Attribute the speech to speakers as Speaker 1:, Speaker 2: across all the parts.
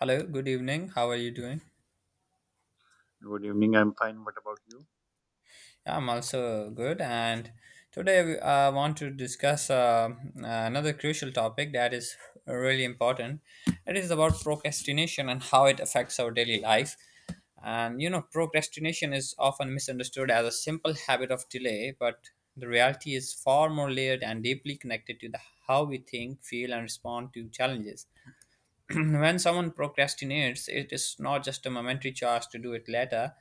Speaker 1: Hello, good evening. How are you doing?
Speaker 2: Good evening. I'm fine. What about you?
Speaker 1: Yeah, I'm also good. And today I want to discuss another crucial topic that is really important. It is about procrastination and how it affects our daily life. And you know, procrastination is often misunderstood as a simple habit of delay, but the reality is far more layered and deeply connected to how we think, feel, and respond to challenges. When someone procrastinates, it is not just a momentary charge to do it later.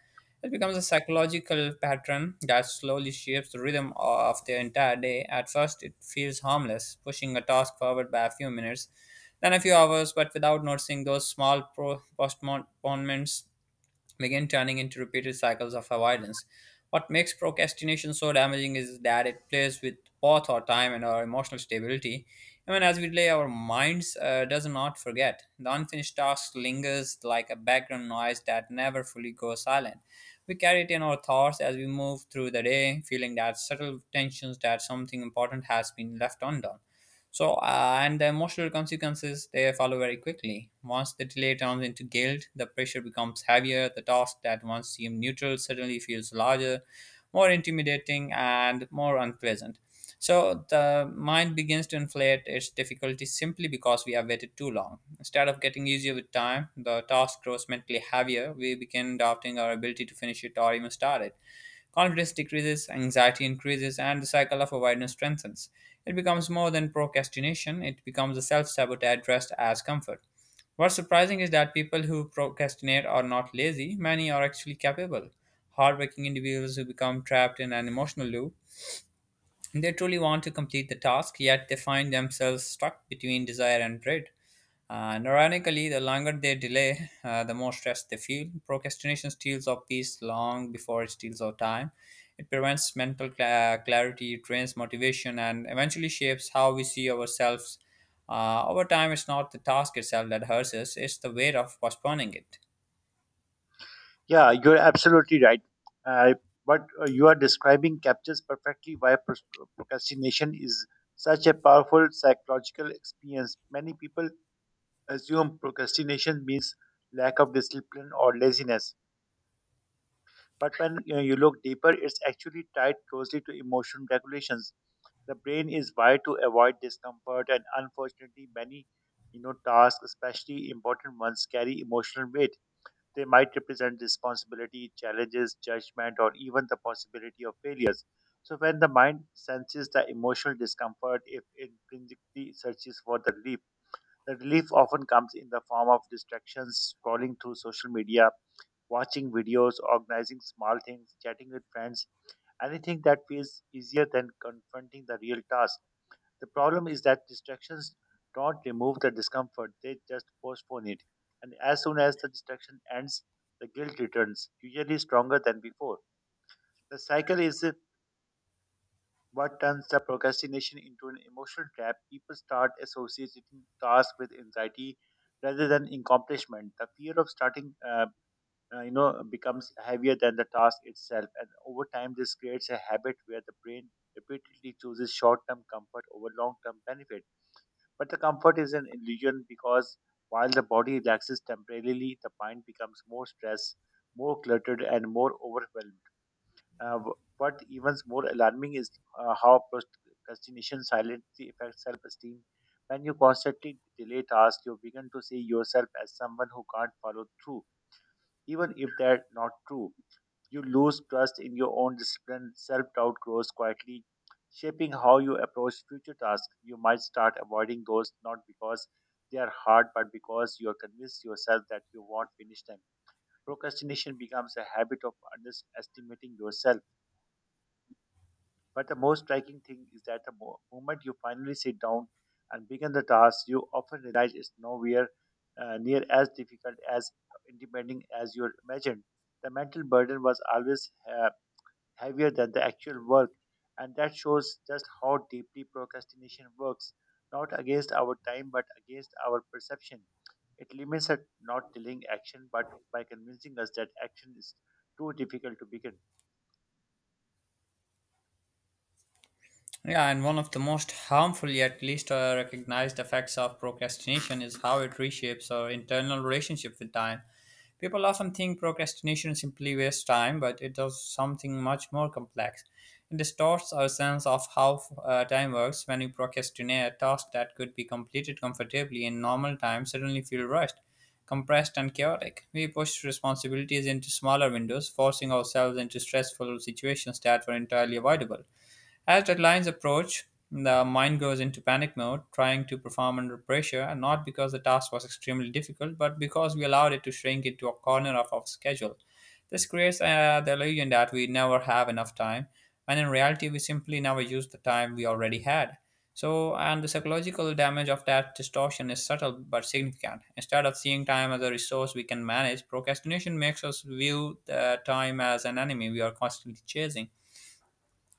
Speaker 1: It becomes a psychological pattern that slowly shapes the rhythm of their entire day. At first, it feels harmless, pushing a task forward by a few minutes, then a few hours, but without noticing those small postponements begin turning into repeated cycles of avoidance. What makes procrastination so damaging is that it plays with both our time and our emotional stability. Even as we delay, our minds does not forget. The unfinished task lingers like a background noise that never fully goes silent. We carry it in our thoughts as we move through the day, feeling that subtle tensions that something important has been left undone. And the emotional consequences they follow very quickly. Once the delay turns into guilt, the pressure becomes heavier. The task that once seemed neutral suddenly feels larger, more intimidating, and more unpleasant. So, the mind begins to inflate its difficulty simply because we have waited too long. Instead of getting easier with time, the task grows mentally heavier. We begin doubting our ability to finish it or even start it. Confidence decreases, anxiety increases, and the cycle of avoidance strengthens. It becomes more than procrastination, it becomes a self sabotage dressed as comfort. What's surprising is that people who procrastinate are not lazy, many are actually capable, hardworking individuals who become trapped in an emotional loop. They truly want to complete the task, yet they find themselves stuck between desire and dread. And ironically, the longer they delay, the more stress they feel. Procrastination steals our peace long before it steals our time. It prevents mental clarity, drains motivation, and eventually shapes how we see ourselves. Over time, it's not the task itself that hurts us, it's the weight of postponing it.
Speaker 2: Yeah, you're absolutely right. Uh, what you are describing captures perfectly why procrastination is such a powerful psychological experience. Many people assume procrastination means lack of discipline or laziness. But when you look deeper, it's actually tied closely to emotion regulations. The brain is wired to avoid discomfort, and unfortunately, many tasks, especially important ones, carry emotional weight. They might represent responsibility, challenges, judgment, or even the possibility of failures. So, when the mind senses the emotional discomfort, it intrinsically searches for the relief. The relief often comes in the form of distractions, scrolling through social media, watching videos, organizing small things, chatting with friends, anything that feels easier than confronting the real task. The problem is that distractions don't remove the discomfort, they just postpone it. And as soon as the distraction ends, the guilt returns, usually stronger than before. The cycle is what turns the procrastination into an emotional trap. People start associating tasks with anxiety rather than accomplishment. The fear of starting becomes heavier than the task itself, and over time, this creates a habit where the brain repeatedly chooses short-term comfort over long-term benefit. But the comfort is an illusion because while the body relaxes temporarily, the mind becomes more stressed, more cluttered, and more overwhelmed. What even more alarming is how procrastination silently affects self esteem. When you constantly delay tasks, you begin to see yourself as someone who can't follow through, even if they're not true. You lose trust in your own discipline, self doubt grows quietly, shaping how you approach future tasks. You might start avoiding those not because they are hard, but because you are convinced yourself that you won't finish them. Procrastination becomes a habit of underestimating yourself. But the most striking thing is that the moment you finally sit down and begin the task, you often realize it's nowhere near as difficult as intimidating as you imagined. The mental burden was always heavier than the actual work. And that shows just how deeply procrastination works, not against our time, but against our perception. It limits us not delaying action, but by convincing us that action is too difficult to begin.
Speaker 1: Yeah, and one of the most harmful yet least recognized effects of procrastination is how it reshapes our internal relationship with time. People often think procrastination simply wastes time, but it does something much more complex. It distorts our sense of how time works when we procrastinate. Tasks that could be completed comfortably in normal time suddenly feel rushed, compressed, and chaotic. We push responsibilities into smaller windows, forcing ourselves into stressful situations that were entirely avoidable. As deadlines approach, the mind goes into panic mode, trying to perform under pressure, and not because the task was extremely difficult, but because we allowed it to shrink into a corner of our schedule. This creates the illusion that we never have enough time, when in reality, we simply never use the time we already had. So, and the psychological damage of that distortion is subtle but significant. Instead of seeing time as a resource we can manage, procrastination makes us view the time as an enemy we are constantly chasing.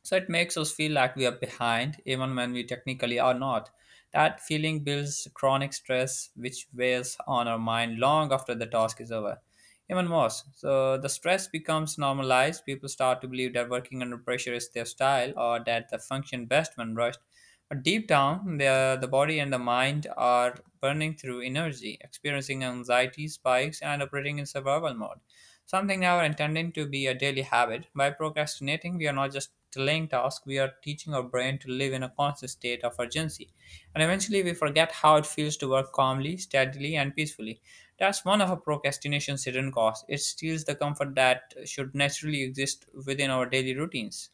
Speaker 1: So it makes us feel like we are behind, even when we technically are not. That feeling builds chronic stress, which weighs on our mind long after the task is over. Even worse, so the stress becomes normalized. People start to believe that working under pressure is their style or that they function best when rushed. But deep down, the body and the mind are burning through energy, experiencing anxiety spikes, and operating in survival mode. Something now intending to be a daily habit. By procrastinating, we are not just delaying tasks, we are teaching our brain to live in a constant state of urgency. And eventually, we forget how it feels to work calmly, steadily, and peacefully. That's one of a procrastination's hidden costs. It steals the comfort that should naturally exist within our daily routines.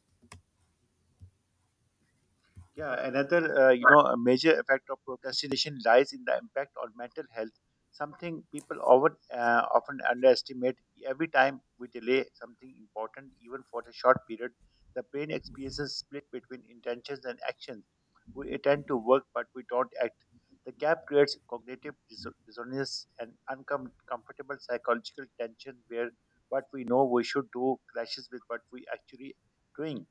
Speaker 2: Yeah, another a major effect of procrastination lies in the impact on mental health. Something people often underestimate. Every time we delay something important, even for a short period, the brain experiences split between intentions and actions. We intend to work, but we don't act. The gap creates cognitive dissonance and uncomfortable psychological tension, where what we know we should do clashes with what we actually doing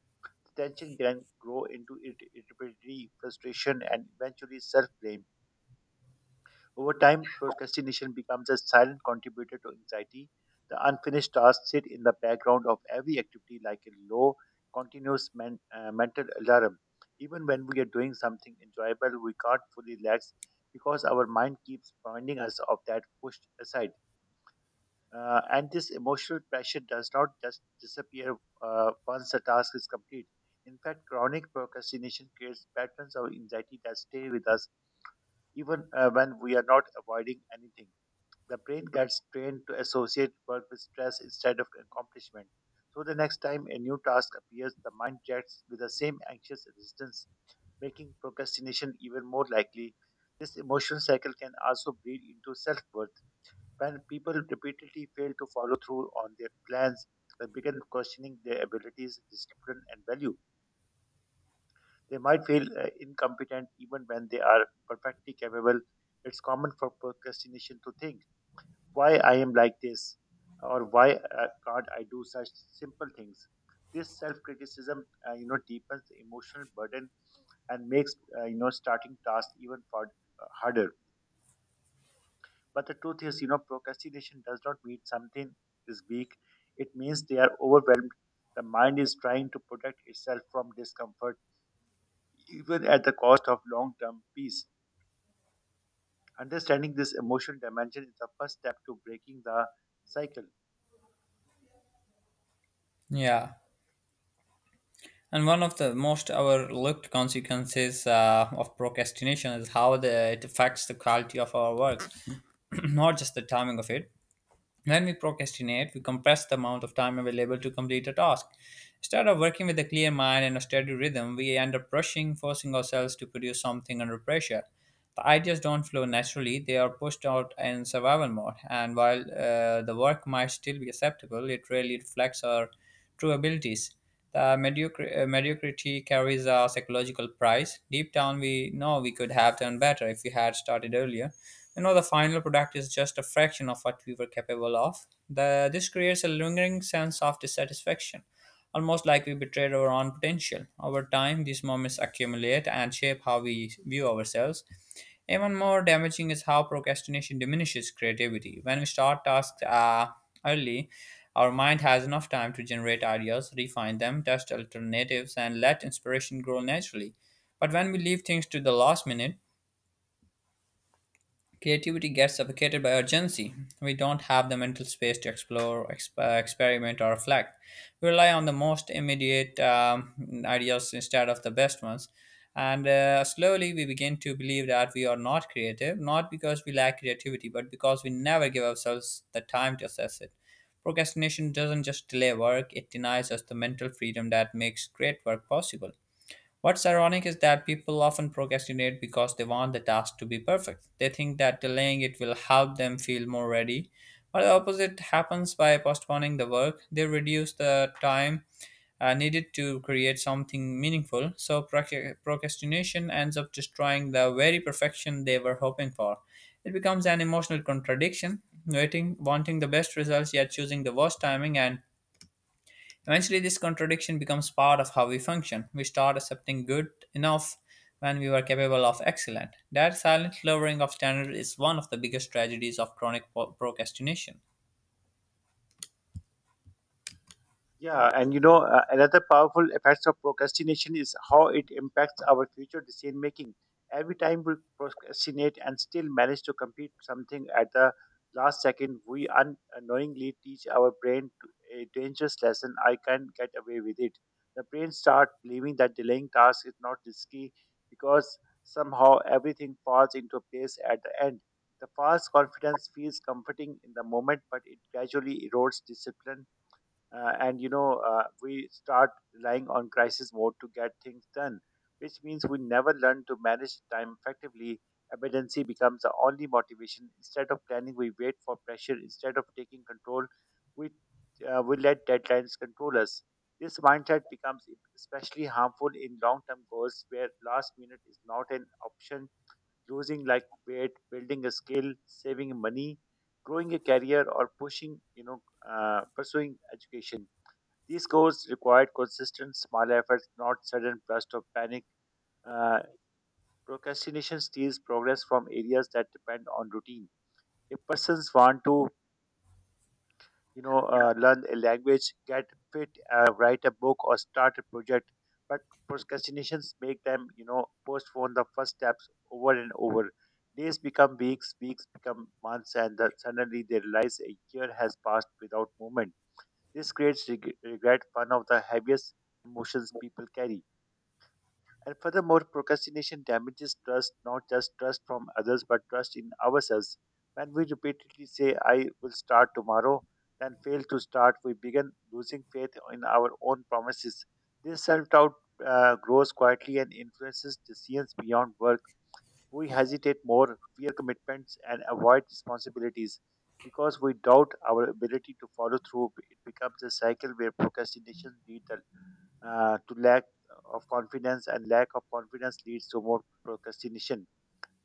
Speaker 2: tension can grow into irritability, frustration, and eventually self blame. Over time, procrastination becomes a silent contributor to anxiety. The unfinished tasks sit in the background of every activity like a low, continuous mental alarm. Even when we are doing something enjoyable, we can't fully relax because our mind keeps reminding us of that pushed aside. And this emotional pressure does not just disappear once the task is complete. In fact, chronic procrastination creates patterns of anxiety that stay with us even when we are not avoiding anything. The brain gets trained to associate work with stress instead of accomplishment. So the next time a new task appears, the mind reacts with the same anxious resistance, making procrastination even more likely. This emotional cycle can also bleed into self worth when people repeatedly fail to follow through on their plans, they begin questioning their abilities, discipline, and value. They might feel incompetent even when they are perfectly capable. It's common for procrastination to think, why I am like this, or why can't I do such simple things. This self-criticism deepens the emotional burden and makes starting tasks even far, harder. But the truth is, procrastination does not mean something is weak. It means they are overwhelmed. The mind is trying to protect itself from discomfort, even at the cost of long term peace. Understanding this emotional dimension is the first step to breaking the cycle.
Speaker 1: Yeah. And one of the most overlooked consequences of procrastination is how it affects the quality of our work, not just the timing of it. When we procrastinate, we compress the amount of time available to complete a task. Instead of working with a clear mind and a steady rhythm, we end up rushing, forcing ourselves to produce something under pressure. The ideas don't flow naturally, they are pushed out in survival mode, and while the work might still be acceptable, it rarely reflects our true abilities. The mediocrity carries a psychological price. Deep down, we know we could have done better if we had started earlier. You know, the final product is just a fraction of what we were capable of. This creates a lingering sense of dissatisfaction almost like we betrayed our own potential. Over time, these moments accumulate and shape how we view ourselves. Even more damaging is how procrastination diminishes creativity. When we start tasks early, our mind has enough time to generate ideas, refine them, test alternatives, and let inspiration grow naturally. But when we leave things to the last minute, creativity gets suffocated by urgency. We don't have the mental space to explore, experiment, or reflect. We rely on the most immediate ideas instead of the best ones. And Slowly we begin to believe that we are not creative, not because we lack creativity, but because we never give ourselves the time to assess it. Procrastination doesn't just delay work, it denies us the mental freedom that makes great work possible. What's ironic is that people often procrastinate because they want the task to be perfect. They think that delaying it will help them feel more ready. But the opposite happens by postponing the work, they reduce the time needed to create something meaningful. So procrastination ends up destroying the very perfection they were hoping for. It becomes an emotional contradiction, waiting, wanting the best results yet choosing the worst timing. And eventually, this contradiction becomes part of how we function. We start accepting good enough when we were capable of excellent. That silent lowering of standard is one of the biggest tragedies of chronic procrastination.
Speaker 2: Yeah, and another powerful effects of procrastination is how it impacts our future decision making. Every time we procrastinate and still manage to complete something at the last second, we unknowingly teach our brain to a dangerous lesson I can get away with it. The brain starts believing that delaying tasks is not risky because somehow everything falls into place at the end. The false confidence feels comforting in the moment, but it gradually erodes discipline, and we start relying on crisis mode to get things done, which means we never learn to manage time effectively. Emergency becomes the only motivation instead of planning. We wait for pressure instead of taking control we we let deadlines control us. This mindset becomes especially harmful in long term goals where last minute is not an option, losing like weight, building a skill, saving money, growing a career, or pushing you know pursuing education. These goals required consistent small efforts, not sudden bursts of panic. Uh, Procrastination steals progress from areas that depend on routine. If persons want to learn a language, get fit, write a book, or start a project, but procrastinations make them postpone the first steps over and over. Days become weeks, weeks become months, and that suddenly they realize a year has passed without movement. This creates regret, one of the heaviest emotions people carry. And furthermore, procrastination damages trust, not just trust from others, but trust in ourselves. When we repeatedly say, I will start tomorrow, then fail to start, we begin losing faith in our own promises. This self doubt grows quietly and influences decisions beyond work. We hesitate more, fear commitments, and avoid responsibilities. Because we doubt our ability to follow through, it becomes a cycle where procrastination leads the to lack of confidence, and lack of confidence leads to more procrastination.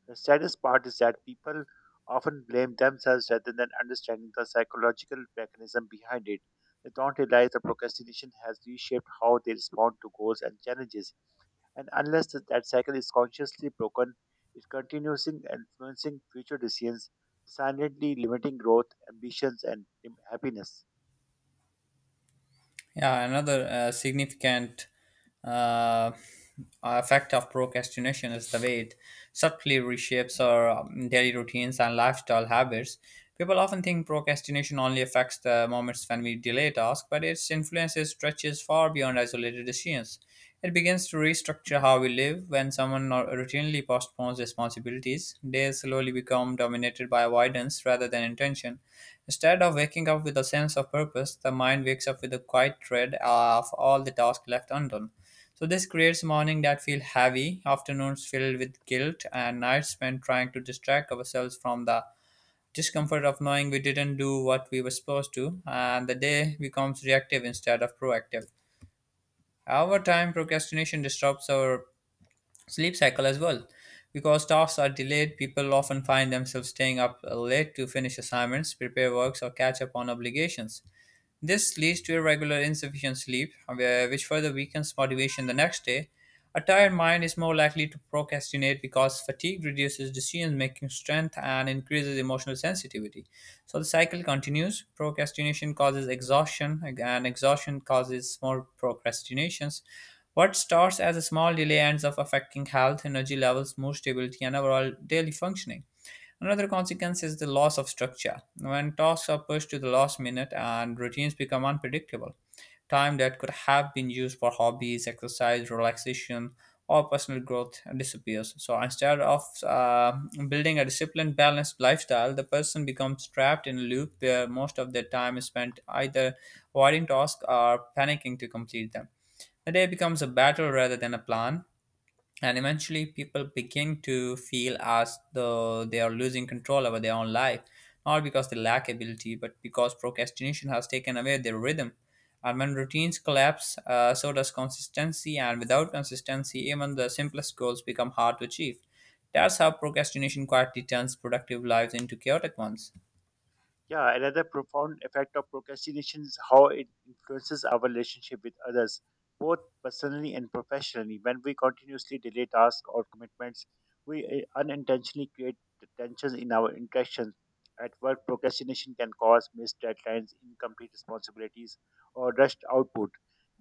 Speaker 2: The saddest part is that people often blame themselves rather than understanding the psychological mechanism behind it. They don't realize that procrastination has reshaped how they respond to goals and challenges. And unless that cycle is consciously broken, it continues in influencing future decisions, silently limiting growth, ambitions, and happiness.
Speaker 1: Yeah, another uh, significant uh, effect of procrastination is the way it subtly reshapes our daily routines and lifestyle habits. People often think procrastination only affects the moments when we delay tasks, but its influences stretches far beyond isolated decisions. It begins to restructure how we live. When someone routinely postpones responsibilities, days slowly become dominated by avoidance rather than intention. Instead of waking up with a sense of purpose, the mind wakes up with a quiet dread of all the tasks left undone. So this creates mornings that feel heavy, afternoons filled with guilt, and nights spent trying to distract ourselves from the discomfort of knowing we didn't do what we were supposed to, and the day becomes reactive instead of proactive. Our time, procrastination disrupts our sleep cycle as well. Because tasks are delayed, people often find themselves staying up late to finish assignments, prepare works, or catch up on obligations. This leads to irregular, insufficient sleep, which further weakens motivation the next day. A tired mind is more likely to procrastinate because fatigue reduces decision making strength and increases emotional sensitivity. So the cycle continues. Procrastination causes exhaustion, and exhaustion causes more procrastinations. What starts as a small delay ends up affecting health, energy levels, mood stability, and overall daily functioning. Another consequence is the loss of structure. When tasks are pushed to the last minute and routines become unpredictable, time that could have been used for hobbies, exercise, relaxation, or personal growth disappears. So instead of building a disciplined, balanced lifestyle, the person becomes trapped in a loop where most of their time is spent either avoiding tasks or panicking to complete them. The day becomes a battle rather than a plan, and eventually people begin to feel as though they are losing control over their own life, not because they lack ability but because procrastination has taken away their rhythm. And when routines collapse, so does consistency, and without consistency even the simplest goals become hard to achieve. That's how procrastination quietly turns productive lives into chaotic ones.
Speaker 2: Yeah, another profound effect of procrastination is how it influences our relationship with others, both personally and professionally. When we continuously delay tasks or commitments, we unintentionally create tensions in our interactions. At work, procrastination can cause missed deadlines, incomplete responsibilities, or rushed output.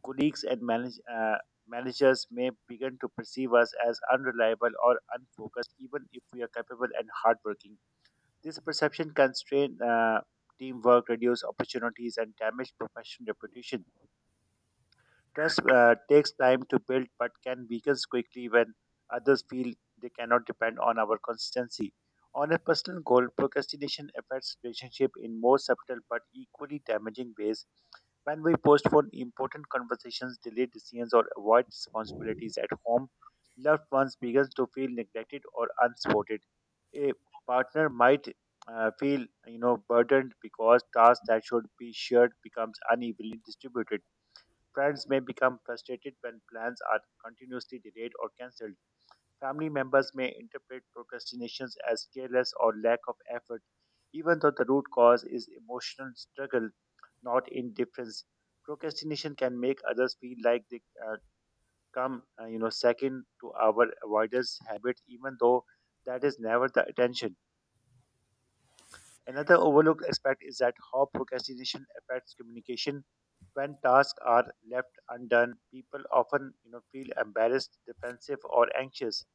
Speaker 2: Colleagues and managers may begin to perceive us as unreliable or unfocused, even if we are capable and hardworking. This perception can strain teamwork, reduce opportunities, and damage professional reputation. Trust takes time to build but can weaken quickly when others feel they cannot depend on our consistency. On a personal goal, procrastination affects relationship in more subtle but equally damaging ways. When we postpone important conversations, delay decisions, or avoid responsibilities at home, loved ones begin to feel neglected or unsupported. A partner might feel burdened because tasks that should be shared becomes unevenly distributed. Friends may become frustrated when plans are continuously delayed or cancelled. Family members may interpret procrastinations as careless or lack of effort, even though the root cause is emotional struggle, not indifference. Procrastination can make others feel like they uh, come, uh, you know, second to our avoidance habit, even though that is never the attention. Another overlooked aspect is that how procrastination affects communication. When tasks are left undone, people often feel embarrassed, defensive, or anxious.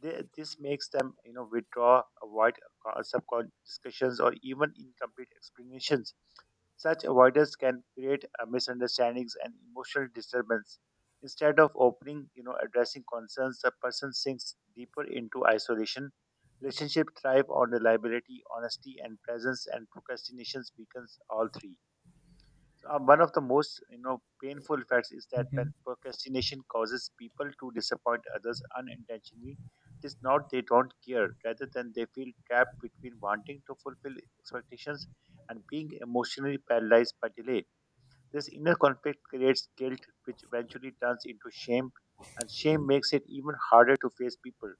Speaker 2: This makes them withdraw, avoid subcon discussions, or even incomplete explanations. Such avoidance can create misunderstandings and emotional disturbance. Instead of opening, addressing concerns, the person sinks deeper into isolation. Relationship thrive on reliability, honesty, and presence, and procrastination weakens all three. One of the most painful effects is that
Speaker 1: Mhm.
Speaker 2: when procrastination causes people to disappoint others unintentionally, it is not they don't care rather than they feel trapped between wanting to fulfill expectations and being emotionally paralyzed by delay. This inner conflict creates guilt, which eventually turns into shame, and shame makes it even harder to face people.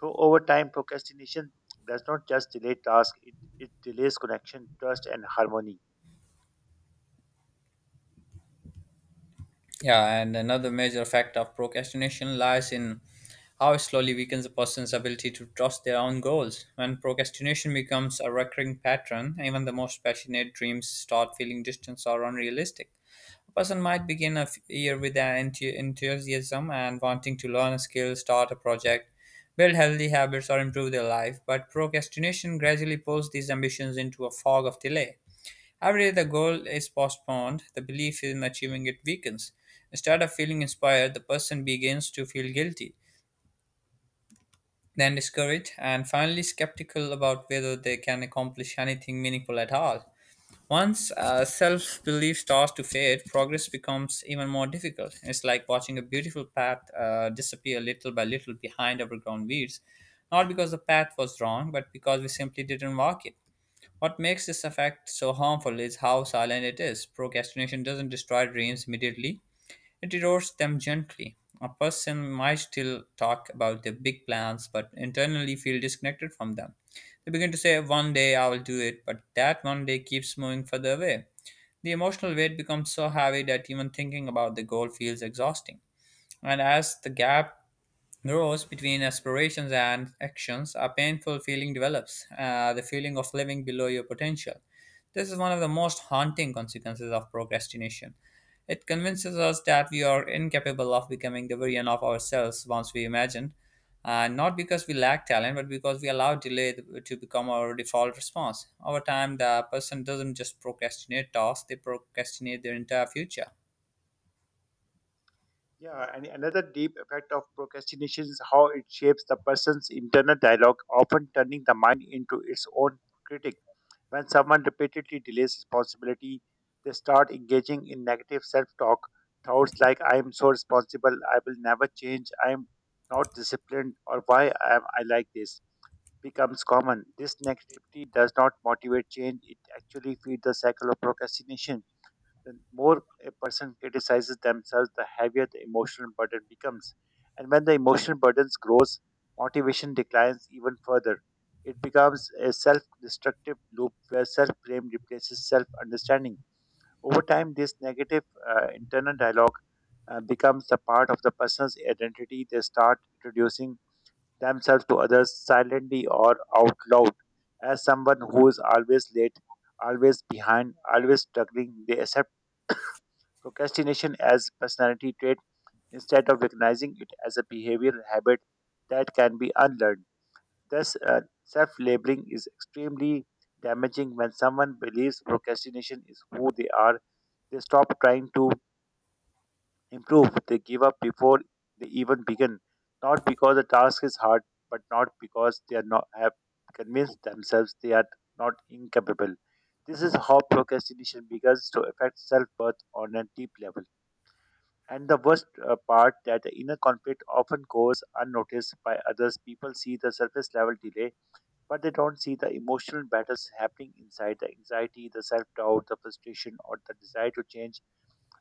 Speaker 2: So over time procrastination does not just delay tasks, it delays connection, trust, and harmony.
Speaker 1: Yeah, and another major factor of procrastination lies in how it slowly weakens a person's ability to trust their own goals. When procrastination becomes a recurring pattern, even the most passionate dreams start feeling distant or unrealistic. A person might begin a year with an enthusiasm and wanting to learn a skill, start a project, build healthy habits, or improve their life, but procrastination gradually pulls these ambitions into a fog of delay. Every day the goal is postponed, the belief in achieving it weakens. Instead of feeling inspired, the person begins to feel guilty, then discouraged, and finally skeptical about whether they can accomplish anything meaningful at all. Once self belief starts to fade, progress becomes even more difficult. It's like watching a beautiful path disappear little by little behind overgrown weeds, not because the path was wrong, but because we simply didn't walk it. What makes this effect so harmful is how silent it is. Procrastination doesn't destroy dreams immediately, it erodes them gently. A person might still talk about their big plans, but internally feel disconnected from them. They begin to say, "One day I will do it," but that one day keeps moving further away. The emotional weight becomes so heavy that even thinking about the goal feels exhausting. And as the gap grows between aspirations and actions, a painful feeling develops, the feeling of living below your potential. This is one of the most haunting consequences of procrastination. It convinces us that we are incapable of becoming the version of ourselves once we imagined, and not because we lack talent, but because we allow delay to become our default response. Over time, the person doesn't just procrastinate tasks, they procrastinate their entire future.
Speaker 2: Yeah, and another deep effect of procrastination is how it shapes the person's internal dialogue, often turning the mind into its own critic. When someone repeatedly delays responsibility, they start engaging in negative self talk, thoughts like, I am so responsible, I will never change, I am not disciplined, or why am I like this, becomes common. This negativity does not motivate change, it actually feeds the cycle of procrastination. The more a person criticizes themselves, the heavier the emotional burden becomes. And when the emotional burden grows, motivation declines even further. It becomes a self destructive loop where self blame replaces self understanding. Over time, this negative internal dialogue becomes a part of the person's identity. They start introducing themselves to others silently or out loud as someone who is always late, always behind, always struggling. They accept procrastination as personality trait instead of recognizing it as a behavioral habit that can be unlearned. Thus, self-labeling is extremely damaging when someone believes procrastination is who they are. They stop trying to improve. They give up before they even begin, not because the task is hard, but not because they are not have convinced themselves they are not incapable. This is how procrastination begins to affect self-worth on a deep level. And the worst part that the inner conflict often goes unnoticed by others. People see the surface level delay, but they don't see the emotional battles happening inside the anxiety, the self doubt, the frustration, or the desire to change,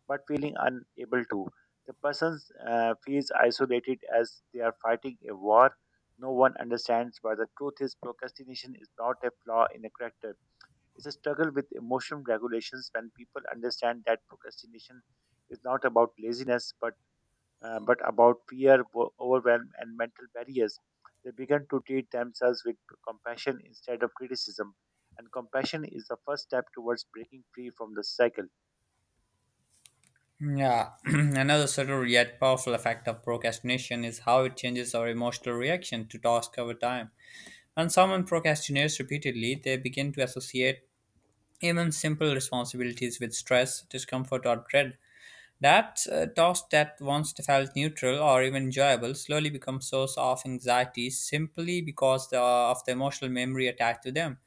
Speaker 2: but feeling unable to. The person feels isolated as they are fighting a war. No one understands. But the truth is procrastination is not a flaw in a character. It's a struggle with emotional regulations when people understand that procrastination is not about laziness but but about fear, overwhelm, and mental barriers, they began to treat themselves with compassion instead of criticism. And compassion is the first step towards breaking free from the cycle.
Speaker 1: Yeah, another subtle yet powerful effect of procrastination is how it changes our emotional reaction to tasks over time. When someone procrastinates repeatedly, they begin to associate even simple responsibilities with stress, discomfort, or dread. That task that once felt neutral or even enjoyable slowly becomes source of anxiety simply because the, of the emotional memory attached to them.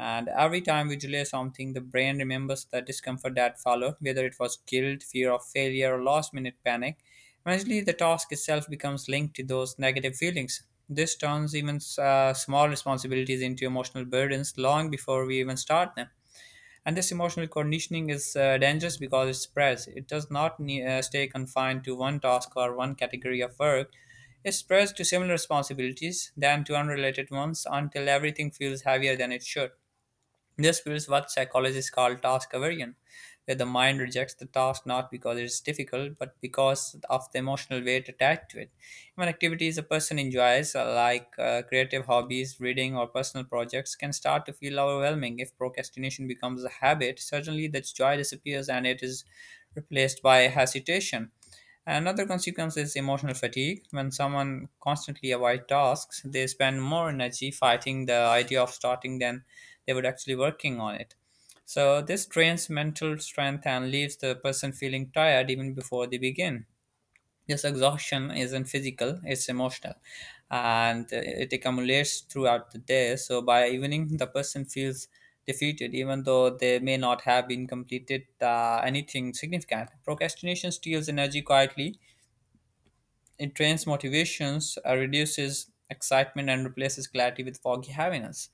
Speaker 1: And every time we delay something, the brain remembers the discomfort that followed, whether it was guilt, fear of failure, or last minute panic. Eventually, the task itself becomes linked to those negative feelings. This turns even small responsibilities into emotional burdens long before we even start them. And this emotional conditioning is dangerous because it spreads. It does not stay confined to one task or one category of work. It spreads to similar responsibilities, then to unrelated ones, until everything feels heavier than it should. This is what psychologists call task aversion, where the mind rejects the task not because it's difficult, but because of the emotional weight attached to it. Even activities a person enjoys, like creative hobbies, reading, or personal projects, can start to feel overwhelming if procrastination becomes a habit. Suddenly, that joy disappears and it is replaced by hesitation. Another consequence is emotional fatigue. When someone constantly avoids tasks, they spend more energy fighting the idea of starting than they were actually working on it. So this drains mental strength and leaves the person feeling tired even before they begin. This exhaustion isn't physical, it's emotional, and it accumulates throughout the day. So by evening, the person feels defeated, even though they may not have been completed anything significant. Procrastination steals energy quietly, it drains motivations, reduces excitement, and replaces clarity with foggy heaviness.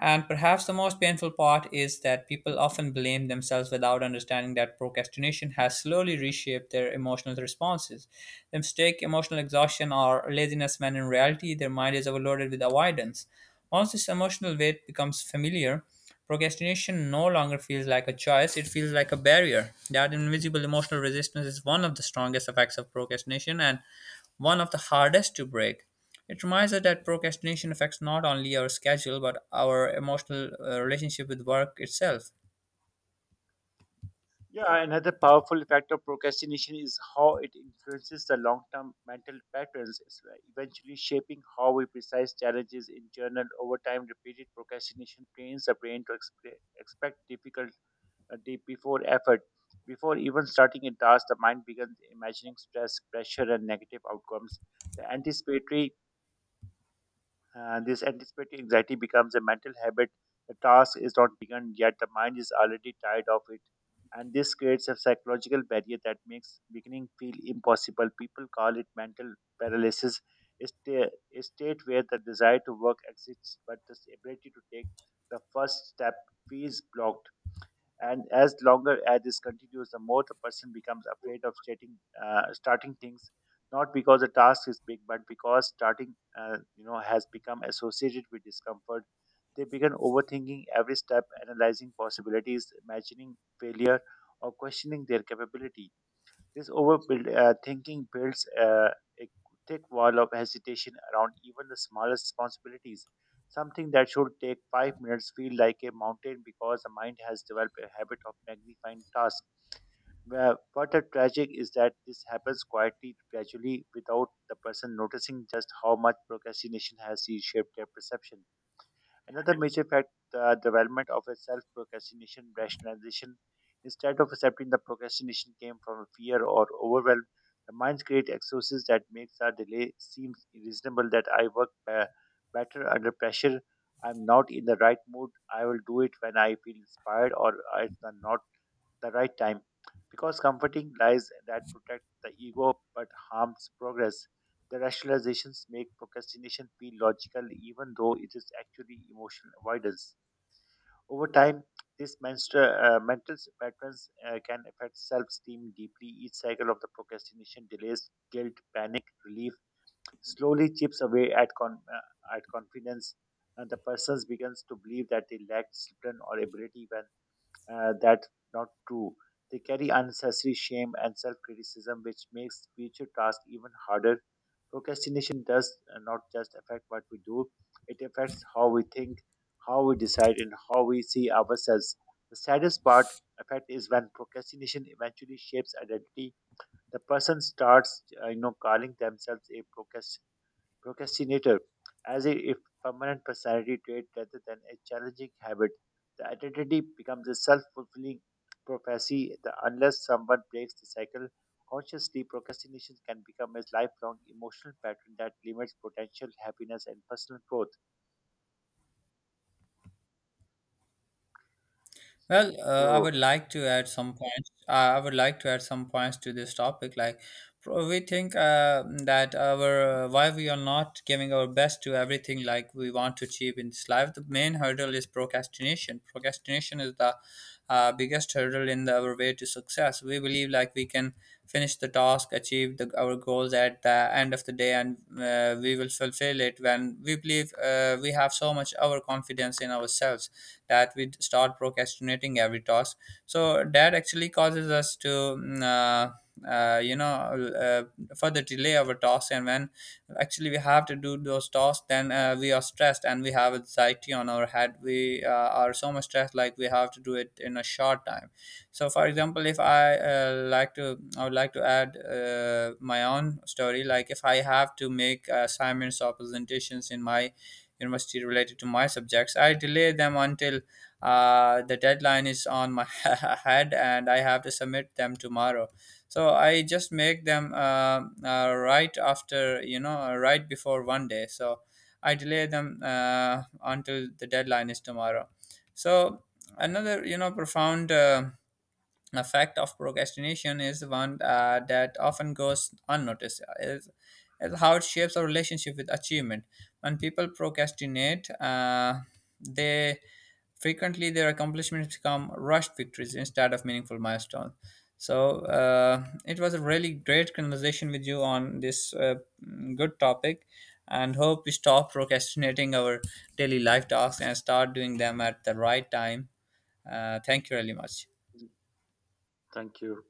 Speaker 1: And perhaps the most painful part is that people often blame themselves without understanding that procrastination has slowly reshaped their emotional responses. They mistake emotional exhaustion or laziness when in reality their mind is overloaded with avoidance. Once this emotional weight becomes familiar, procrastination no longer feels like a choice, it feels like a barrier. That invisible emotional resistance is one of the strongest effects of procrastination, and one of the hardest to break. It reminds us that procrastination affects not only our schedule but our emotional relationship with work itself.
Speaker 2: Yeah, another powerful effect of procrastination is how it influences the long term mental patterns, it's like eventually shaping how we precise challenges in journal. Over time, repeated procrastination trains the brain to expect difficult deep before effort. Before even starting a task, the mind begins imagining stress, pressure, and negative outcomes. The anticipatory, this anticipatory anxiety becomes a mental habit. The task is not begun yet; the mind is already tired of it, and this creates a psychological barrier that makes beginning feel impossible. People call it mental paralysis, a sta- a state where the desire to work exists, but the ability to take the first step feels blocked, and as longer as this continues the more the person becomes afraid of stating, starting things, not because the task is big but because starting, has become associated with discomfort. They begin overthinking every step, analyzing possibilities, imagining failure, or questioning their capability. This overbuild thinking builds a thick wall of hesitation around even the smallest responsibilities. Something that should take 5 minutes feel like a mountain because the mind has developed a habit of magnifying tasks. Well, what a tragic is that this happens quietly, gradually, without the person noticing just how much procrastination has reshaped their perception. Another major fact, the development of a self procrastination rationalization. Instead of accepting the procrastination came from fear or overwhelm, the minds create excuses that makes our delay seem reasonable, that I work better under pressure. I'm not in the right mood. I will do it when I feel inspired, or it's not the right time, because comforting lies that protect the ego but harms progress. The rationalizations make procrastination feel logical even though it is actually emotional avoidance. Over time, these mental patterns can affect self esteem deeply. Each cycle of the procrastination delays guilt, panic, relief, slowly chips away at, at confidence, and the person begins to believe that they lack discipline or ability when, that's not true. They carry unnecessary shame and self criticism, which makes future tasks even harder. Procrastination does not just affect what we do, it affects how we think, how we decide, and how we see ourselves. The saddest part effect is when procrastination eventually shapes identity. The person starts, calling themselves a procrastinator. Procrastinator, as a if permanent personality trait rather than a challenging habit, the identity becomes a self fulfilling prophecy that unless someone breaks the cycle consciously, procrastination can become a lifelong emotional pattern that limits potential happiness and personal growth.
Speaker 1: Well, I
Speaker 2: So,
Speaker 1: would like to add some points. I would like to add some points to this topic. Like, we think that our why we are not giving our best to everything like we want to achieve in this life. The main hurdle is procrastination. Procrastination is the biggest hurdle in the, our way to success. We believe like we can finish the task, achieve the, our goals at the end of the day, and we will fulfill it when we believe we have so much overconfidence in ourselves that we start procrastinating every task, so that actually causes us to uh, you know uh, further delay our tasks, and when actually we have to do those tasks, then we are stressed and we have anxiety on our head, we are so much stressed, like we have to do it in a short time. So for example, if I would like to add my own story, like if I have to make assignments or presentations in my university related to my subjects. I delay them until the deadline is on my head and I have to submit them tomorrow. So I just make them right after, right before one day. So I delay them until the deadline is tomorrow. So another, profound effect of procrastination, is one that often goes unnoticed, is how it shapes our relationship with achievement. When people procrastinate, they frequently, their accomplishments become rushed victories instead of meaningful milestones. So it was a really great conversation with you on this good topic, and hope we stop procrastinating our daily life tasks and start doing them at the right time. Thank you really much.
Speaker 2: thank you.